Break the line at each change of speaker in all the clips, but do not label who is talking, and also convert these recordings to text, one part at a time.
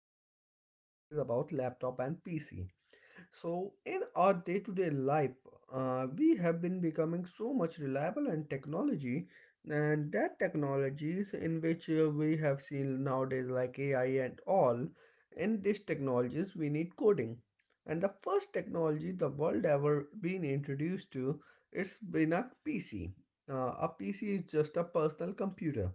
this podcast is about laptop and PC. So, in our day to day life, we have been becoming so much reliable and technology, and that technologies in which we have seen nowadays, like AI and all, in these technologies, we need coding. And the first technology the world ever been introduced to, it's been a PC. A PC is just a personal computer,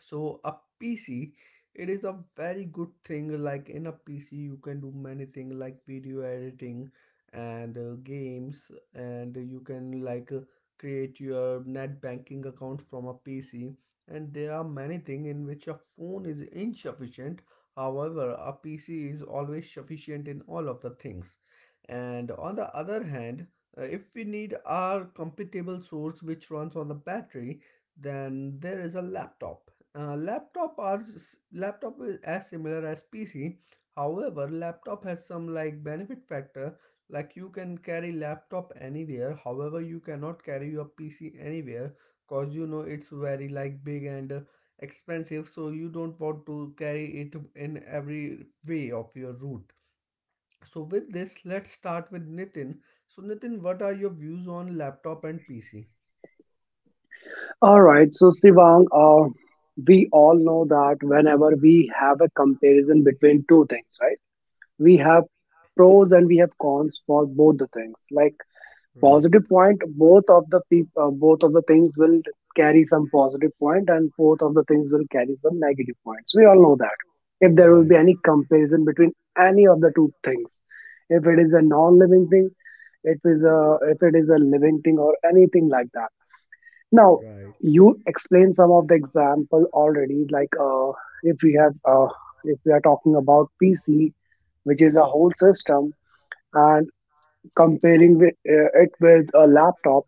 so a pc it is a very good thing, like in a pc you can do many things like video editing and games, and you can like create your net banking account from a pc. And there are many things in which a phone is insufficient, however a pc is always sufficient in all of the things. And on the other hand, if we need our compatible source which runs on the battery, then there is a laptop. Uh, laptop are laptop is as similar as PC. However, laptop has some like benefit factor. Like you can carry laptop anywhere. However, you cannot carry your PC anywhere because it's very like big and expensive. So you don't want to carry it in every way of your route. So with this, let's start with Nitin. So Nitin, what are your views on laptop and PC?
All right, so Sivang, we all know that whenever we have a comparison between two things, right? We have pros and we have cons for both the things. Like
Right,
positive point, both of the things will carry some positive point, and both of the things will carry some negative points. We all know that. If there will be
right,
any comparison between any of the two things, if it is a non-living thing, it is a if it is a living thing or anything like that now,
right.
you explained some of the example already, like if we have if we are talking about PC, which is a whole system, and comparing with, it with a laptop,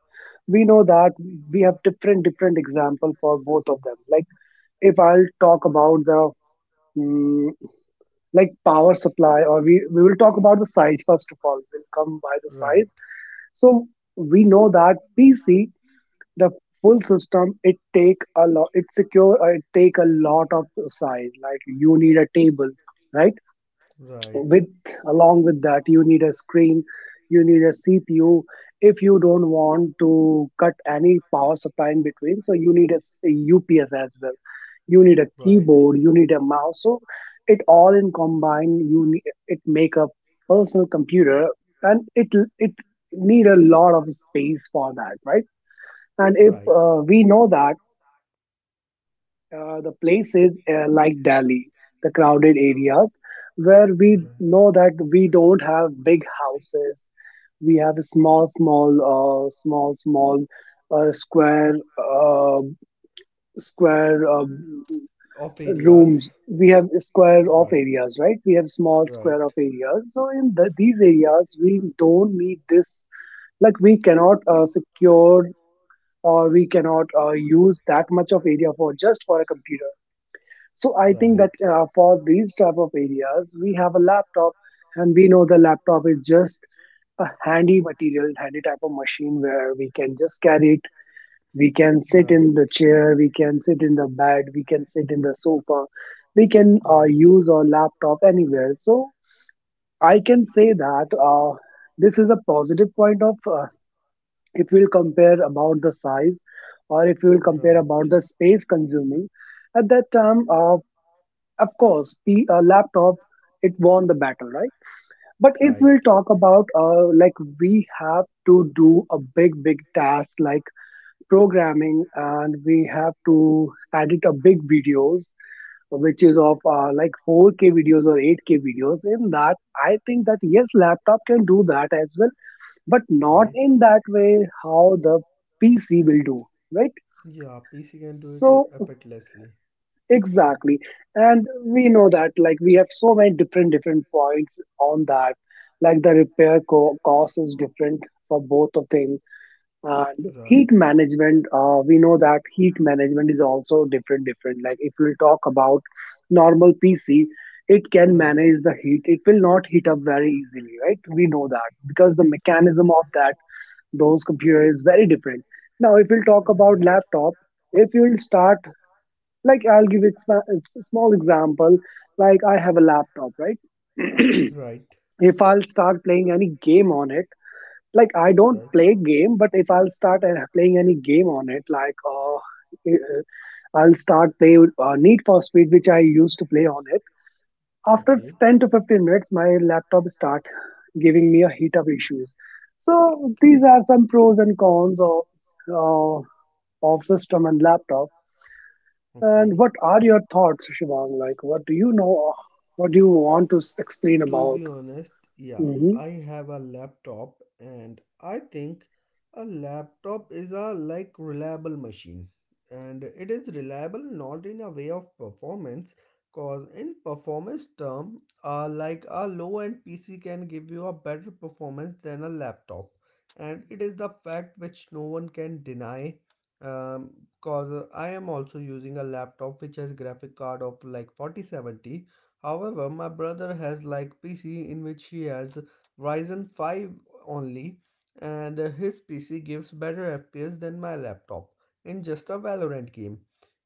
we know that we have different different example for both of them. Like if I'll talk about the mm, like power supply, or we will talk about the size first of all. We'll come by the
Right,
size. So we know that PC, the full system, it take a lot, it take a lot of size. Like you need a table, right?
right,
with along with that, you need a screen, you need a cpu. If you don't want to cut any power supply in between, so you need a ups as well. You need a
right,
keyboard, you need a mouse. So it all in combine you need, it make a personal computer, and it need a lot of space for that, right? And if
right, right.
we know that the places like Delhi, the crowded areas, where we know that we don't have big houses, we have small, small uh, square, uh, square
Of areas,
rooms. We have square of
right,
areas, right? We have small square of
right,
areas. So in the, these areas, we don't need this. Like we cannot secure, or we cannot use that much of area for just for a computer. So I think
right.
that for these type of areas we have a laptop. And we know the laptop is just a handy material, handy type of machine where we can just carry it. We can sit in
Right.
the chair, we can sit in the bed, we can sit in the sofa, we can
Right.
use our laptop anywhere. So I can say that this is a positive point of if we'll compare about the size, or if we'll compare
Right.
about the space consuming, at that time, of course, laptop, it won the battle, right? But if
Right.
we'll talk about like we have to do a big, big task like programming, and we have to edit a big videos, which is of like 4K videos or 8K videos, in that, I think that yes, laptop can do that as well, but not
Right.
in that way how the PC will do, right?
Yeah, PC can do it
So
effortlessly.
exactly, and we know that like we have so many different different points on that. Like the cost is different for both of them, and heat
Right.
management. We know that heat management is also different different. Like if we talk about normal PC. It can
Right.
manage the heat. It will not heat up very easily, right? We know that because the mechanism of that those computer is very different. Now if we'll talk
Hmm.
about
Right.
laptop, if you'll start, like a small example, like I have a laptop, right?
Right.
If I'll start playing any game on it, like I
So
don't
right.
play
I
game, but if I'll start playing any game on it, like
don't.
uh, I'll start play need for speed, which I used to play on it, after
Okay,
10 to 15 minutes my laptop start giving me a heat up issues. So these
okay,
are some pros and cons uh, of system and laptop. And
okay.
what are your thoughts, Shivang? Like, what do you know? What do you want to explain
To be
about?
honest, yeah,
Hmm.
I have a laptop and I think a laptop is a like reliable machine, and it is reliable not in a way of performance, cause in performance term like a low end PC can give you a better performance than a laptop, and it is the fact which no one can deny. um, Cause I am also using a laptop which has graphic card of like 4070. However, my brother has like PC in which he has Ryzen 5 only, and his PC gives better FPS than my laptop in just a Valorant game.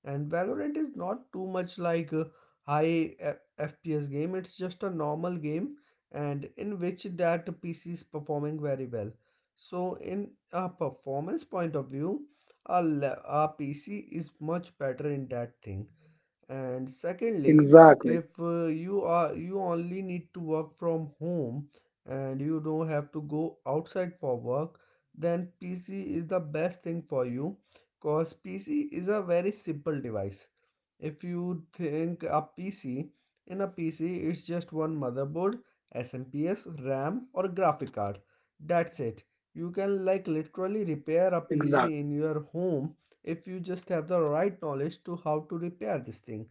And Valorant is not too much like a high FPS game, it's just a normal game, and in which that PC is performing very well. So in a performance point of view, our PC is much better in that thing. And secondly,
Exactly,
if you only need to work from home, and you don't have to go outside for work, then PC is the best thing for you. Cause PC is a very simple device. If you think a PC, in a PC it's just one motherboard, SMPS, RAM or graphic card, that's it. You can like literally repair a PC
exactly,
in your home if you just have the right knowledge to how to repair this thing.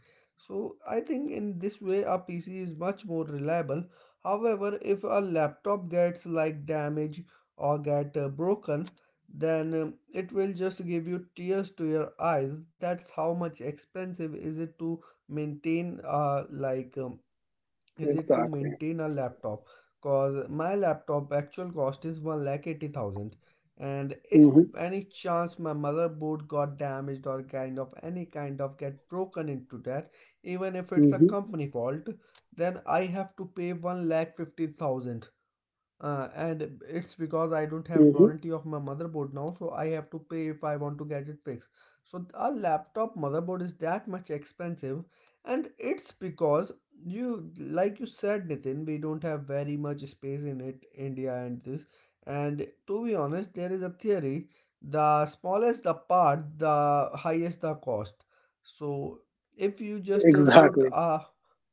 So I think in this way a PC is much more reliable. However, if a laptop gets like damaged or get broken, then it will just give you tears to your eyes, that's how much expensive is it to maintain
exactly.
a laptop. Cause my laptop actual cost is 1 lakh 80,000, and if
Hmm.
any chance my motherboard got damaged or kind of any kind of get broken into that, even if it's a
Hmm.
company fault, then I have to pay 1 lakh 50,000, and it's because I don't have
Hmm.
warranty of my motherboard now, so I have to pay if I want to get it fixed. So a laptop motherboard is that much expensive, and it's because you, like you said, Nitin, we don't have very much space in it, India and this. And to be honest, there is a theory: the smallest the part, the highest the cost. So if you just put
Exactly,
a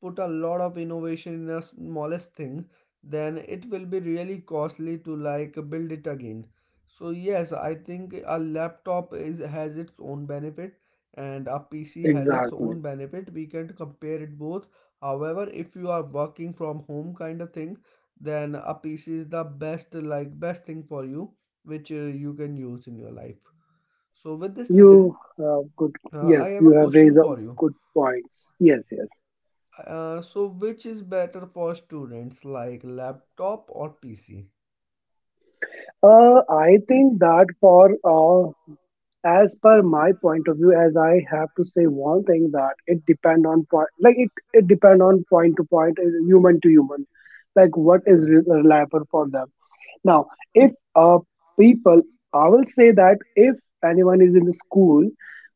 put a lot of innovation in the smallest thing, then it will be really costly to like build it again. So yes I think a laptop is has its own benefit, and a PC has its
exactly.
own benefit, we can compare it both. However, if you are working from home kind of thing, then a PC is the best like best thing for you, which you can use in your life. So with this, Nitin,
You have good. Yes,
I have
you
a
have
question
raised a
for you.
good points. Yes, yes.
So which is better for students like laptop or PC?
I think that for uh, as per my point of view, as I have to say one thing, that it depend on point, like it depend on point to point, human to human, like what is
Right.
reliable for them now. If people, I will say that if anyone is in the school,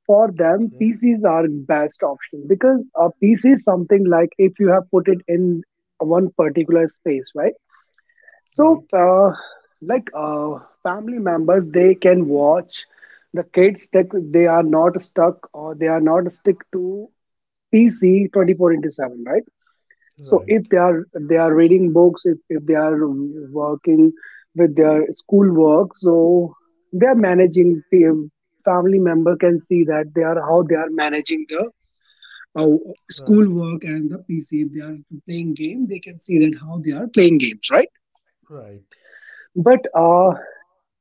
for them
Okay.
pcs are best option, because a pc is something like if you have put it in one particular space, right? So,
Right.
like family members, they can watch the kids. That they are not stuck or they are not stick to PC 24 into seven, right? So,
Right.
if they are, they are reading books, if they are working with their school work, so they are managing. The family member can see that they are how they are managing the. Uh, School
Right.
work and the PC. If they are playing game, they can see that how they are playing games, right?
Right.
But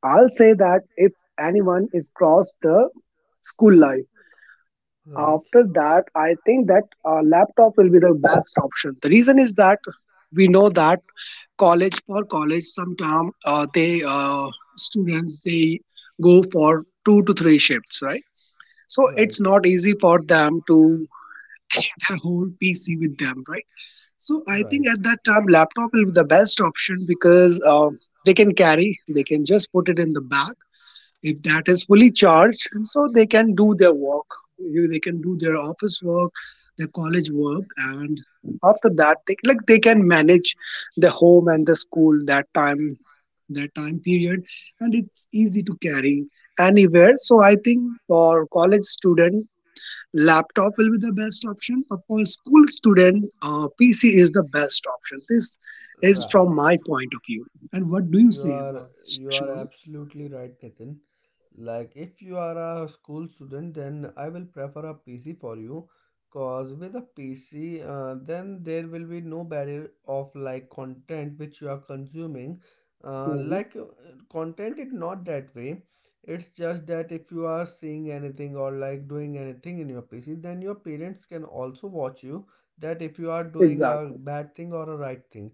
I'll say that if anyone is crossed the school life,
Right.
after that, I think that laptop will be the best option. The reason is that we know that college, sometime they students they go for two to three shifts, right? So it's not easy for them to take their whole PC with them, right? So I think
Right.
at that time, laptop will be the best option because they can carry, they can just put it in the bag if that is fully charged, and so they can do their work. They can do their office work, their college work, and after that they like they can manage the home and the school, that time, that time period, and it's easy to carry anywhere. So I think for college student laptop will be the best option. For school student, pc is the best option. This is
Right.
from
Right.
my point of view. And what do you
You
say
are
about this,
you are
Shivam?
absolutely right, Nitin. Like if you are a school student, then I will prefer a PC for you, cause with a PC, then there will be no barrier of like content which you are consuming.
Mhm.
Like content is not that way. It's just that if you are seeing anything or like doing anything in your PC, then your parents can also watch you. That if you are doing a
Exactly.
bad thing or a right thing,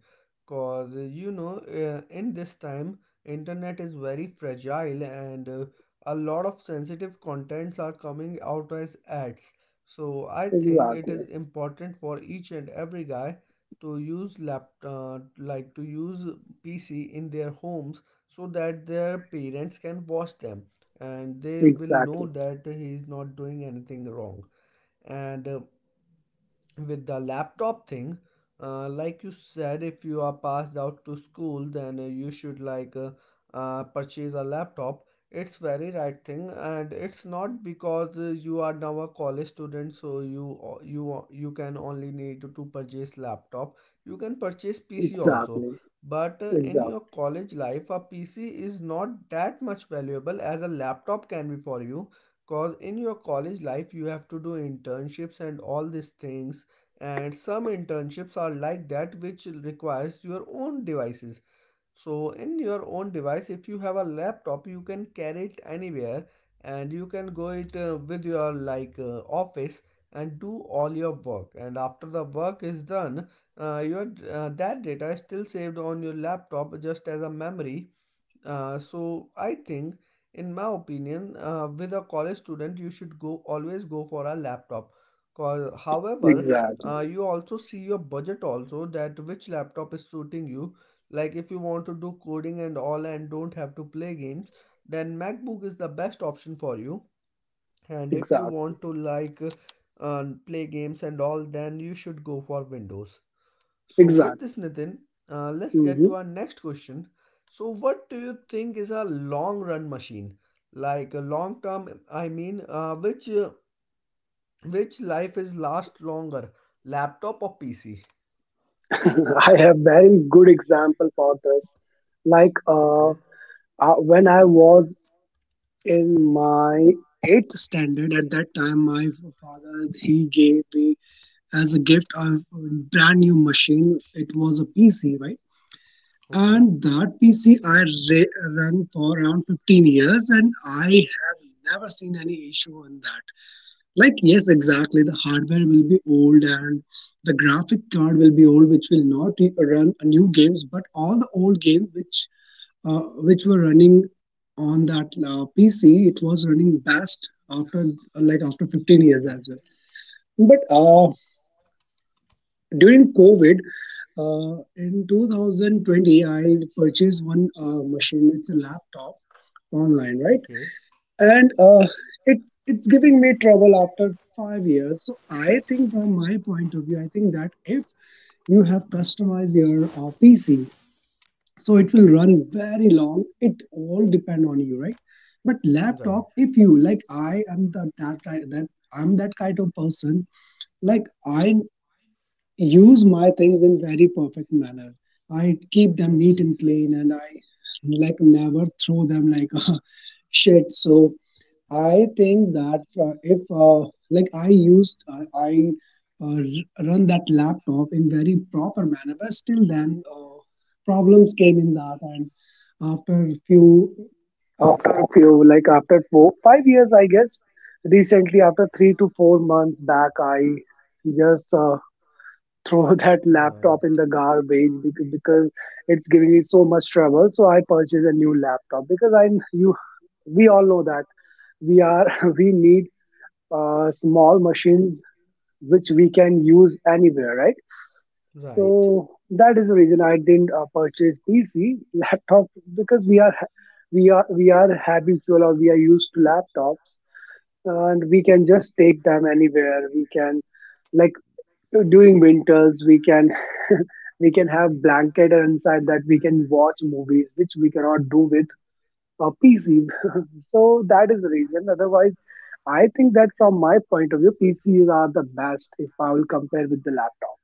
cause in this time internet is very fragile and a lot of sensitive contents are coming out as ads. So I think it is
Exactly.
important for each and every guy to use lap like to use PC in their homes, so that their parents can watch them and they will know
Exactly.
that he is not doing anything wrong. And with the laptop thing, like you said, if you are passed out to school, then you should like purchase a laptop. It's very right thing, and it's not because you are now a college student, so you o- you you can only need to purchase laptop. You can purchase PC also,
Exactly.
but in your
Exactly.
college life a PC is not that much valuable as a laptop can be for you, because in your college life you have to do internships and all these things, and some internships are like that which requires your own devices. So in your own device, if you have a laptop, you can carry it anywhere, and you can go it with your like office, and do all your work, and after the work is done, your that data is still saved on your laptop just as a memory. So I think, in my opinion, with a college student, you should go always go for a laptop. Cause, however,
Exactly.
you also see your budget also that which laptop is suiting you. Like if you want to do coding and all and don't have to play games, then MacBook is the best option for you. And if you
Exactly.
want to like play games and all, then you should go for Windows. So, with
Exactly.
this, Nitin, let's get to
Hmm.
our next question. So, what do you think is a long run machine? Like a long term, I mean, which life is last longer, laptop or PC?
I have very good example for this. Like
Okay,
when I was in my eighth standard, at that time, my father he gave me as a gift a brand new machine. It was a PC, right?
okay,
And that PC run for around 15 years, and I have never seen any issue on that. Like, yes, exactly. The hardware will be old, and the graphic card will be old, which will not run a new games, but all the old games which were running on that PC, it was running best after like after 15 years
okay,
as well. But during COVID, in 2020, I purchased one machine. It's a laptop, online, right?
okay,
And it it's giving me trouble after 5 years. So I think, from my point of view, I think that if you have customized your PC, so it will
okay.
run very long. It all depend on you, right? But
Right.
laptop, if you like, I am the, that ki- that I'm that kind of person. Like I use my things in very perfect manner. I keep them neat
Okay.
and clean, and I like never throw them like shit. So I think that if like I run that laptop in very proper manner, but still then problems came in that, and after few after few, like after 4 5 years I guess, recently after 3 to 4 months back I just throw that laptop
Right.
in the garbage, because it's giving me so much trouble. So I purchased a new laptop because I you we all know that we are we need small machines which we can use anywhere, right?
Right.
So that is the reason I didn't purchase pc laptop, because we are habitual, or we are used to laptops, and we can just take them anywhere, we can like during winters we can we can have blanket inside that, we can watch movies, which we cannot do with PC. So that is the reason. Otherwise, I think that from my point of view, PCs are the best if I will compare with the laptop.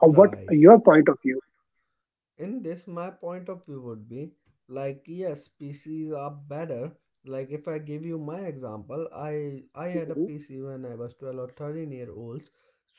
Or what
Right.
your point of view?
In this my point of view would be, like yes PCs are better, like if I give you my example, I had a
Hmm.
PC when I was 12 or 13-year olds,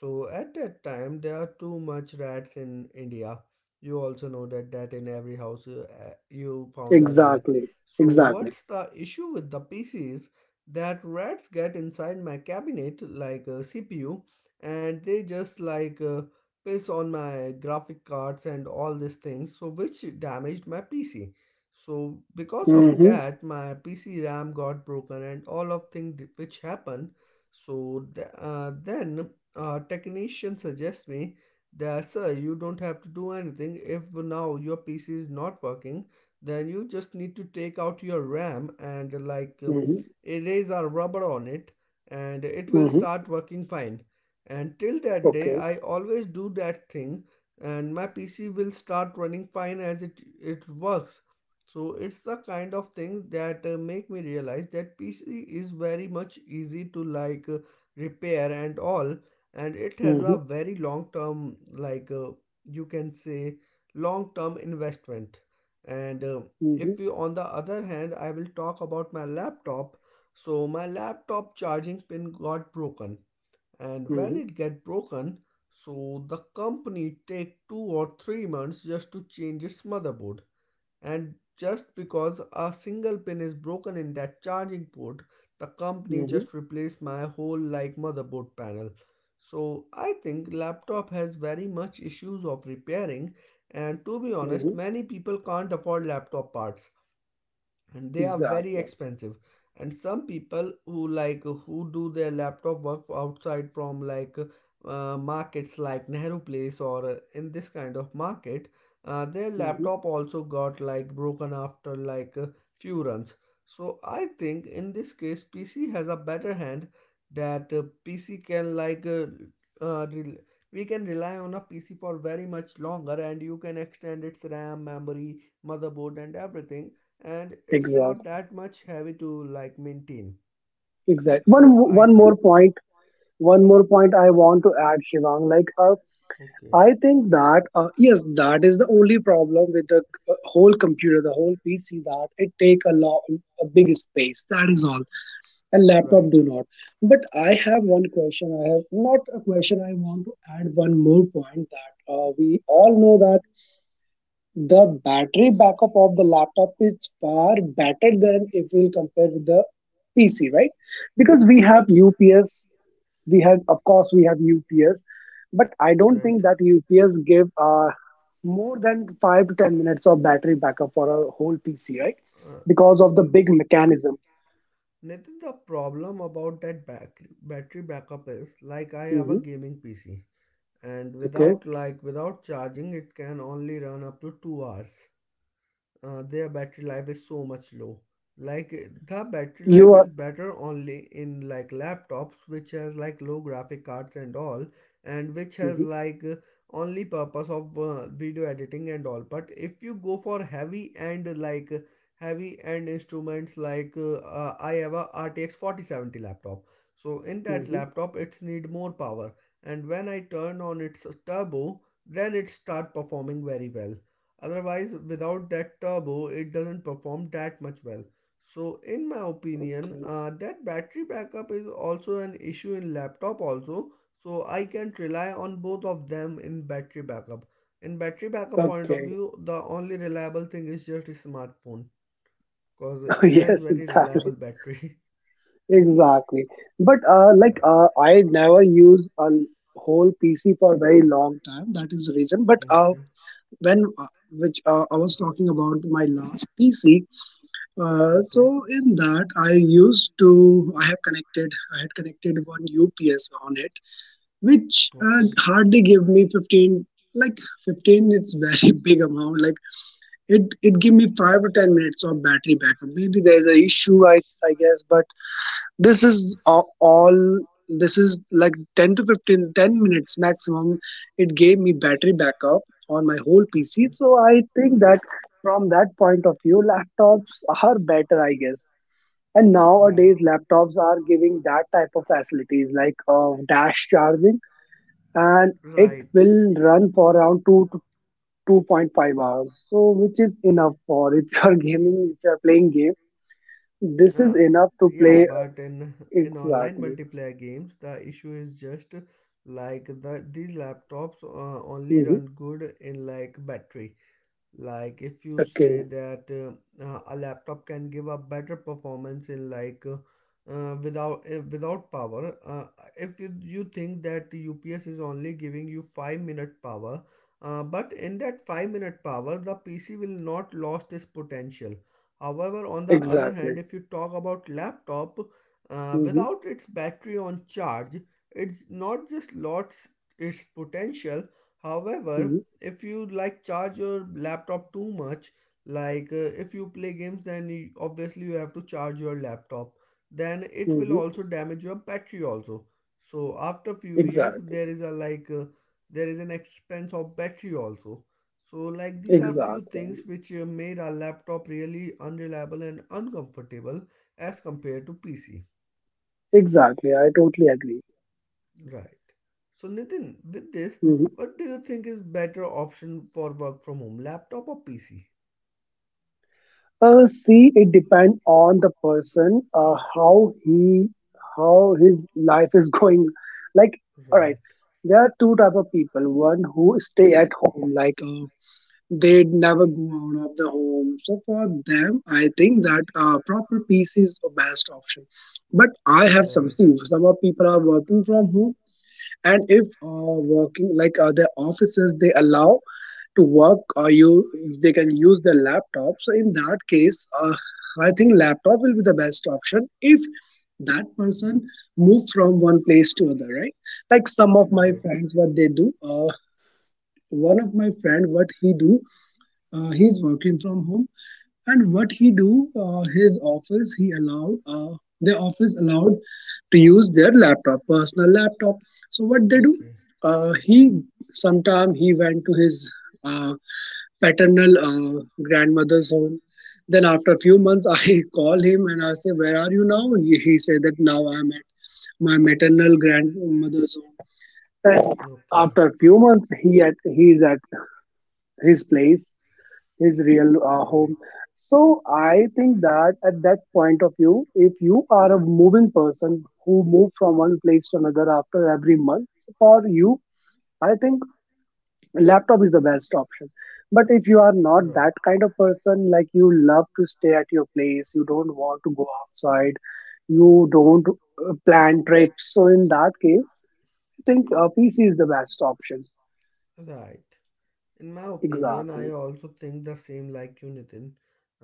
so at that time there are too much rats in India. You also know that in every house you found a rat.
Exactly.
So
Exactly.
what's the issue with the PCs, that rats get inside my cabinet like a CPU, and they just like piss on my graphic cards and all these things, so which damaged my PC. So because of
Mm-hmm.
that my PC RAM got broken and all of things which happened. So then technician suggests me that sir you don't have to do anything, if now your PC is not working then you just need to take out your RAM and like
Mm-hmm.
erase our rubber on it, and it will
Mm-hmm.
start working fine. And till that day,
Okay.
I always do that thing, and my PC will start running fine as it works. So it's the kind of thing that make me realize that PC is very much easy to like repair and all, and it has
Mm-hmm.
a very long term, like you can say, long term investment. And
Mm-hmm.
if you on the other hand, I will talk about my laptop. So my laptop charging pin got broken, and when
Mm-hmm.
it get broken, so the company take 2 or 3 months just to change its motherboard. And just because a single pin is broken in that charging port, the company
Mm-hmm.
just replaced my whole like motherboard panel. So I think laptop has very much issues of repairing, and to be honest
Mm-hmm.
many people can't afford laptop parts, and they are very
Exactly.
expensive. And some people who like who do their laptop work outside from like markets like Nehru Place or in this kind of market, their
Mm-hmm.
laptop also got like broken after like a few runs. So I think in this case PC has a better hand, that PC can like uh, rel- we can rely on a PC for very much longer, and you can extend its RAM memory, motherboard and everything, and it's not
Exactly.
that much heavy to like maintain.
Exactly. One
So I
one more
think
point. One more point I want to add, Shivang. Like
okay,
I think that yes, that is the only problem with the whole computer, the whole PC. That it take a lot, a big space. That is all. And laptop
right,
do not. But I have one question. I have not a question. I want to add one more point that we all know that the battery backup of the laptop is far better than if we'll compare with the PC, right? Because we have UPS. We have, of course, we have UPS, but I don't think
right.
that UPS give a more than 5 to 10 minutes of battery backup for a whole PC, right?
Uh,
Because of the big mechanism.
Nathan, the problem about that battery backup is like I have a
Hmm
gaming PC, and
Okay,
without like without charging it can only run up to 2 hours. Uh, their battery life is so much low, like the battery
you
life
are.
is better only in like laptops which has like low graphic cards and all, and which has
Hmm
like only purpose of video editing and all. But if you go for heavy and like heavy end instruments like I have a RTX 4070 laptop, so in that
hmm
laptop it's need more power, and when I turn on its turbo then it start performing very well. Otherwise without that turbo it doesn't perform that much well. So in my opinion, that battery backup is also an issue in laptop also, so I can't rely on both of them in battery backup. In battery backup point of
Okay.
view, the only reliable thing is just a smartphone because it has
Yes,
very reliable
exactly,
battery.
exactly. But
Right,
I never use a whole PC for a very long time. That is the reason. But
okay,
when which I was talking about my last PC.
okay,
So in that I used to I have connected I had connected one UPS on it, which
okay,
hardly give me 15, like 15. It's very big amount. Like it give me 5 to 10 minutes of battery backup. Maybe there is a issue, I guess, but all this is like 10 to 15, 10 minutes maximum it gave me battery backup on my whole PC.
okay,
So I think that from that point of view, laptops are better, I guess. And
right.
nowadays laptops are giving that type of facilities like dash charging, and it
Right.
will run for around 2 to 2.5 hours, so which is enough for if you are gaming. If you are playing game, this is
Uh,
enough to
yeah,
play
but in online
exactly.
multiplayer games, the issue is just like the these laptops only
hmm
run good in like battery. Like if you say
okay,
that a laptop can give a better performance in like without without power, if you think that UPS is only giving you 5-minute power, but in that 5-minute power the PC will not lost its potential. However, on the other
exactly
hand, if you talk about laptop,
hmm
without its battery on charge, it's not just lost its potential.
hmm
However, if you like charge your laptop too much, like if you play games then obviously you have to charge your laptop, then it will
hmm
also damage your battery also. So after few years
exactly.
there is a like there is an expense of battery also. So like these are few
Exactly,
things which made our laptop really unreliable and uncomfortable as compared to PC.
exactly. I totally agree.
Right. So Nitin, with this,
Mm-hmm.
what do you think is better option for work from home, laptop or PC?
See, it depends on the person, how his life is going. Like, all right,
Right.
there are two type of people. One who stay at home, like they never go out of the home. So for them, I think that proper peace is the best option. But I have some,
Right.
see, some of people are working from home, and if working like their offices, they allow to work, or you they can use their laptop. So in that case I think laptop will be the best option if that person move from one place to other, right? Like some of my
Right.
friends, what they do, one of my friend, what he do, he's working from home, and what he do, his office he allowed, the office allowed to use their laptop, personal laptop. So what they do,
Okay.
he sometime he went to his uh, paternal grandmother's home. Then after a few months, I call him and I say, "Where are you now?" He said that now I'm at my maternal grandmother's home. And
Okay. Okay.
after a few months, he is at his place, his real home.
Right.
So I think that at that point of view, if you are a moving person who move from one place to another after every month, for you, I think laptop is the best option. But if you are not that
Right.
kind of person, like you love to stay at your place, you don't want to go outside, you don't plan trips, so in that case I think a PC is the best option.
Right. In my opinion, I
Exactly.
also think the same like you, Nitin.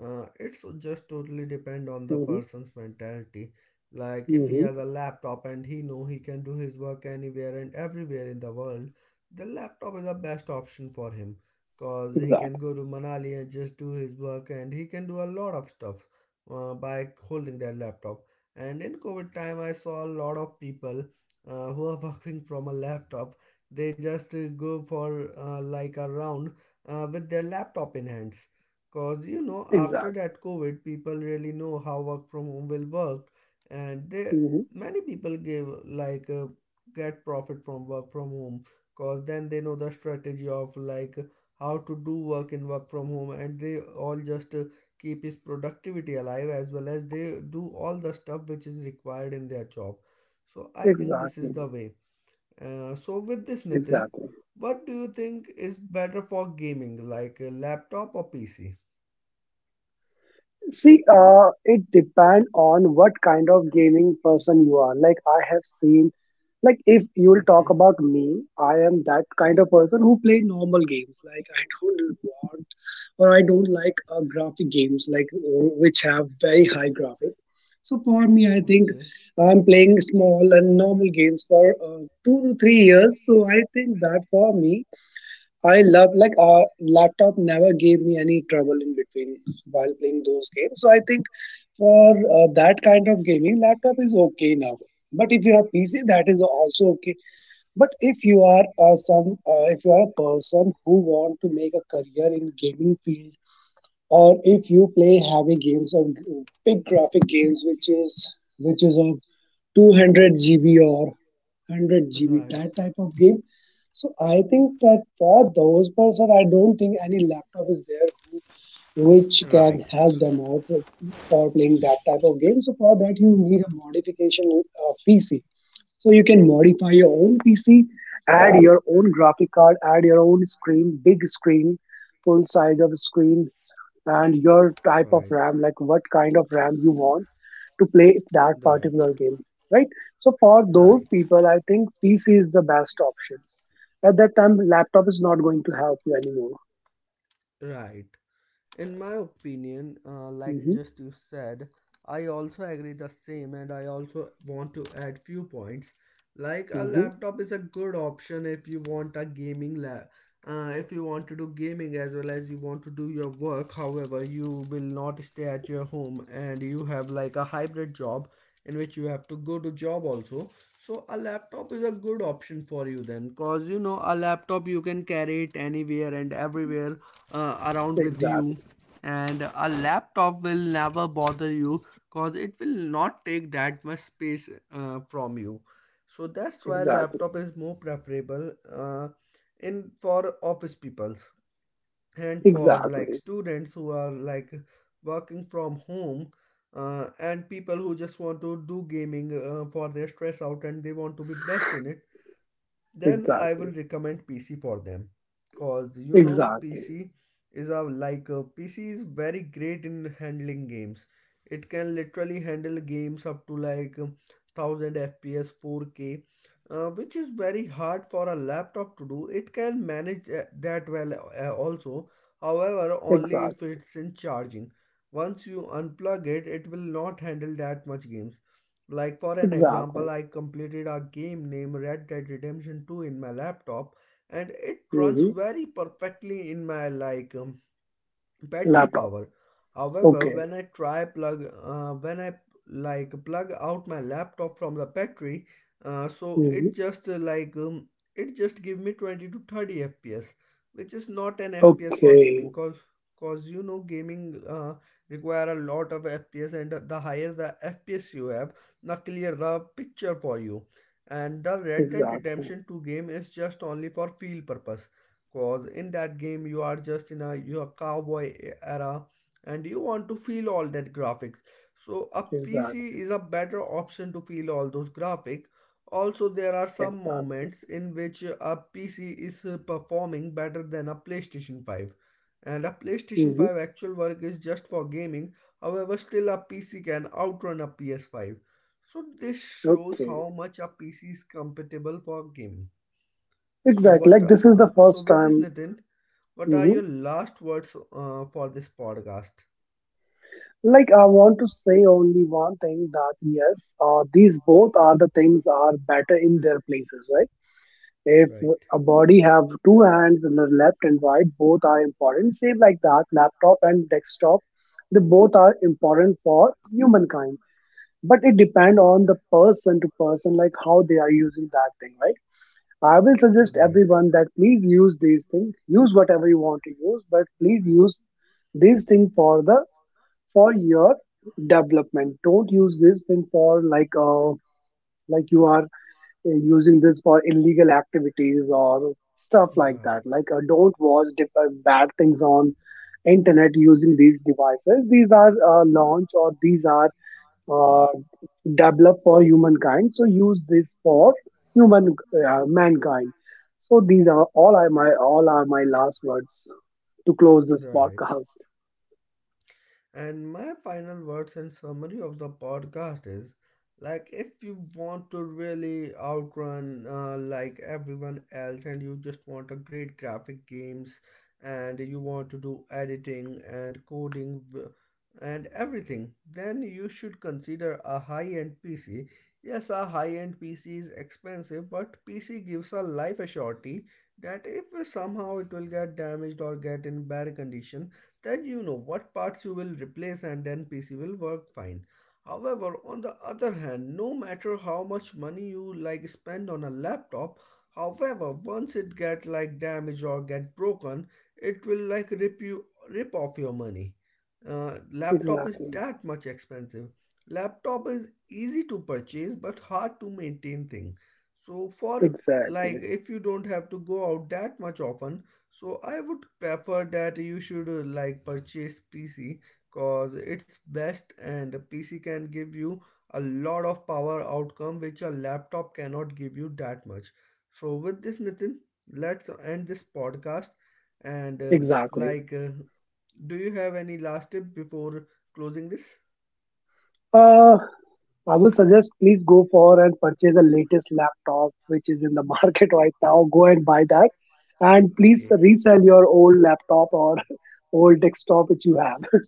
It's just totally depend on the
hmm
person's mentality. Like if he
hmm
has a laptop and he know he can do his work anywhere and everywhere in the world, the laptop is the best option for him. Cause he can
exactly
go to Manali and just do his work, and he can do a lot of stuff by holding their laptop. And in COVID time, I saw a lot of people who are working from a laptop. They just go for like a round with their laptop in hands. Cause you know, after
exactly
that COVID, people really know how work from home will work, and they
hmm
many people give like get profit from work from home. Cause then they know the strategy of like how to do work in work from home, and they all just keep his productivity alive, as well as they do all the stuff which is required in their job. So I think this is
exactly
the way. So with this, Nitin,
exactly.
what do you think is better for gaming, like a laptop or PC?
See, it depend on what kind of gaming person you are. Like I have seen, like if you will talk
Okay,
about me, I am that kind of person who play normal games. Like I don't want, or I don't like graphic games like which have very high graphic. So for me, I think
okay,
I'm playing small and normal games for 2 to 3 years. So I think that for me, I love like laptop never gave me any trouble in between while playing those games. So I think for that kind of gaming, laptop is okay now. But if you have PC, that is also okay. But if you are if you are a person who want to make a career in gaming field, or if you play heavy games or big graphic games, which is of 200 GB or 100 GB,
right,
that type of game. So I think that for those person, I don't think any laptop is there which
right,
can help them out for playing that type of game. So for that, you need a modification PC, so you can modify your own PC, add your own graphic card, add your own screen, big screen, full size of screen, and your type of
right,
RAM, like what kind of RAM you want to play that particular game, right? So for
right,
those
right,
people, I think PC is the best option. At that time, laptop is not going to help you anymore.
right. In my opinion, like
Hmm
just you said, I also agree the same, and I also want to add few points. Like a
hmm
laptop is a good option if you want a gaming lab, if you want to do gaming as well as you want to do your work, however you will not stay at your home and you have like a hybrid job in which you have to go to job also. So a laptop is a good option for you then, cause you know a laptop you can carry it anywhere and everywhere around with
Exactly.
you, and a laptop will never bother you, cause it will not take that much space from you. So that's why
Exactly.
laptop is more preferable in for office peoples, and for like
Exactly.
students who are like working from home. Uh, and people who just want to do gaming for their stress out and they want to be best in it, then I will
Exactly.
recommend PC for them, because you know
Exactly.
PC is a like a PC is very great in handling games. It can literally handle games up to like 1000 FPS, 4K, which is very hard for a laptop to do. It can manage that well also. However, only if
Exactly.
it's in charging. Once you unplug it, it will not handle that much games. Like for an
Exactly.
example, I completed a game named Red Dead Redemption 2 in my laptop, and it runs
hmm
very perfectly in my like battery
Laptop.
power. However,
Okay.
when I like plug out my laptop from the battery, so it
hmm
just it just give me 20 to 30 FPS, which is not an FPS for
Okay,
gaming. Cause cause you know gaming require a lot of FPS, and the higher the FPS you have, the clearer the picture for you. And the Red Dead
exactly,
Redemption 2 game is just only for feel purpose. Cause in that game you are just in a your cowboy era, and you want to feel all that graphics. So a
exactly,
PC is a better option to feel all those graphics. Also, there are some
exactly.
moments in which a PC is performing better than a PlayStation 5. And a PlayStation
hmm
5 actual work is just for gaming, however, still a PC can outrun a PS5. So, this shows
Okay,
how much a PC is compatible for gaming. So
exactly.
what?
Like this is the
So
first
with this,
time.
Nitin, what are
Hmm
your last words for this podcast?
Like I want to say only one thing, that yes, these both are the things are better in their places, right? If
Right.
a body have two hands and the left and right, both are important. Same like that, laptop and desktop, they both are important for humankind. But it depend on the person to person, like how they are using that thing, right? I will suggest
Right.
everyone that please use these things. Use whatever you want to use, but please use these thing for the for your development. Don't use this thing for like uh, like you are using this for illegal activities or stuff like that.
Right.
Like don't watch bad things on internet using these devices. These are launched, or these are uh, develop for humankind. So use this for human mankind. So these are all are my last words to close this
Right.
podcast.
And my final words and summary of the podcast is like if you want to really outrun like everyone else, and you just want a great graphic games and you want to do editing and coding and everything, then you should consider a high-end PC. Yes, a high-end PC is expensive, but PC gives a life assurity that if somehow it will get damaged or get in bad condition, then you know what parts you will replace and then PC will work fine. However, on the other hand, no matter how much money you like spend on a laptop, however, once it get like damaged or get broken, it will like rip off your money. Laptop is
Exactly,
that much expensive. Laptop is easy to purchase but hard to maintain thing. So for like
exactly,
if you don't have to go out that much often, so I would prefer that you should like purchase PC, cause it's best, and PC can give you a lot of power outcome which a laptop cannot give you that much. So with this, Nitin, let's end this podcast and
exactly.
do you have any last tip before closing this?
Uh, I will suggest please go for and purchase the latest laptop which is in the market right now. Go and buy that, and please
Okay.
resell your old laptop or old desktop which you have.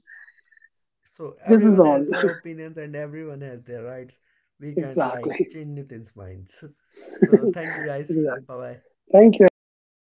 So
This is
everyone
all.
has their opinions and everyone has their rights. We can't like
Exactly.
change Nitin's minds. So thank you guys.
Exactly.
Bye bye.
Thank you, everyone. Bye.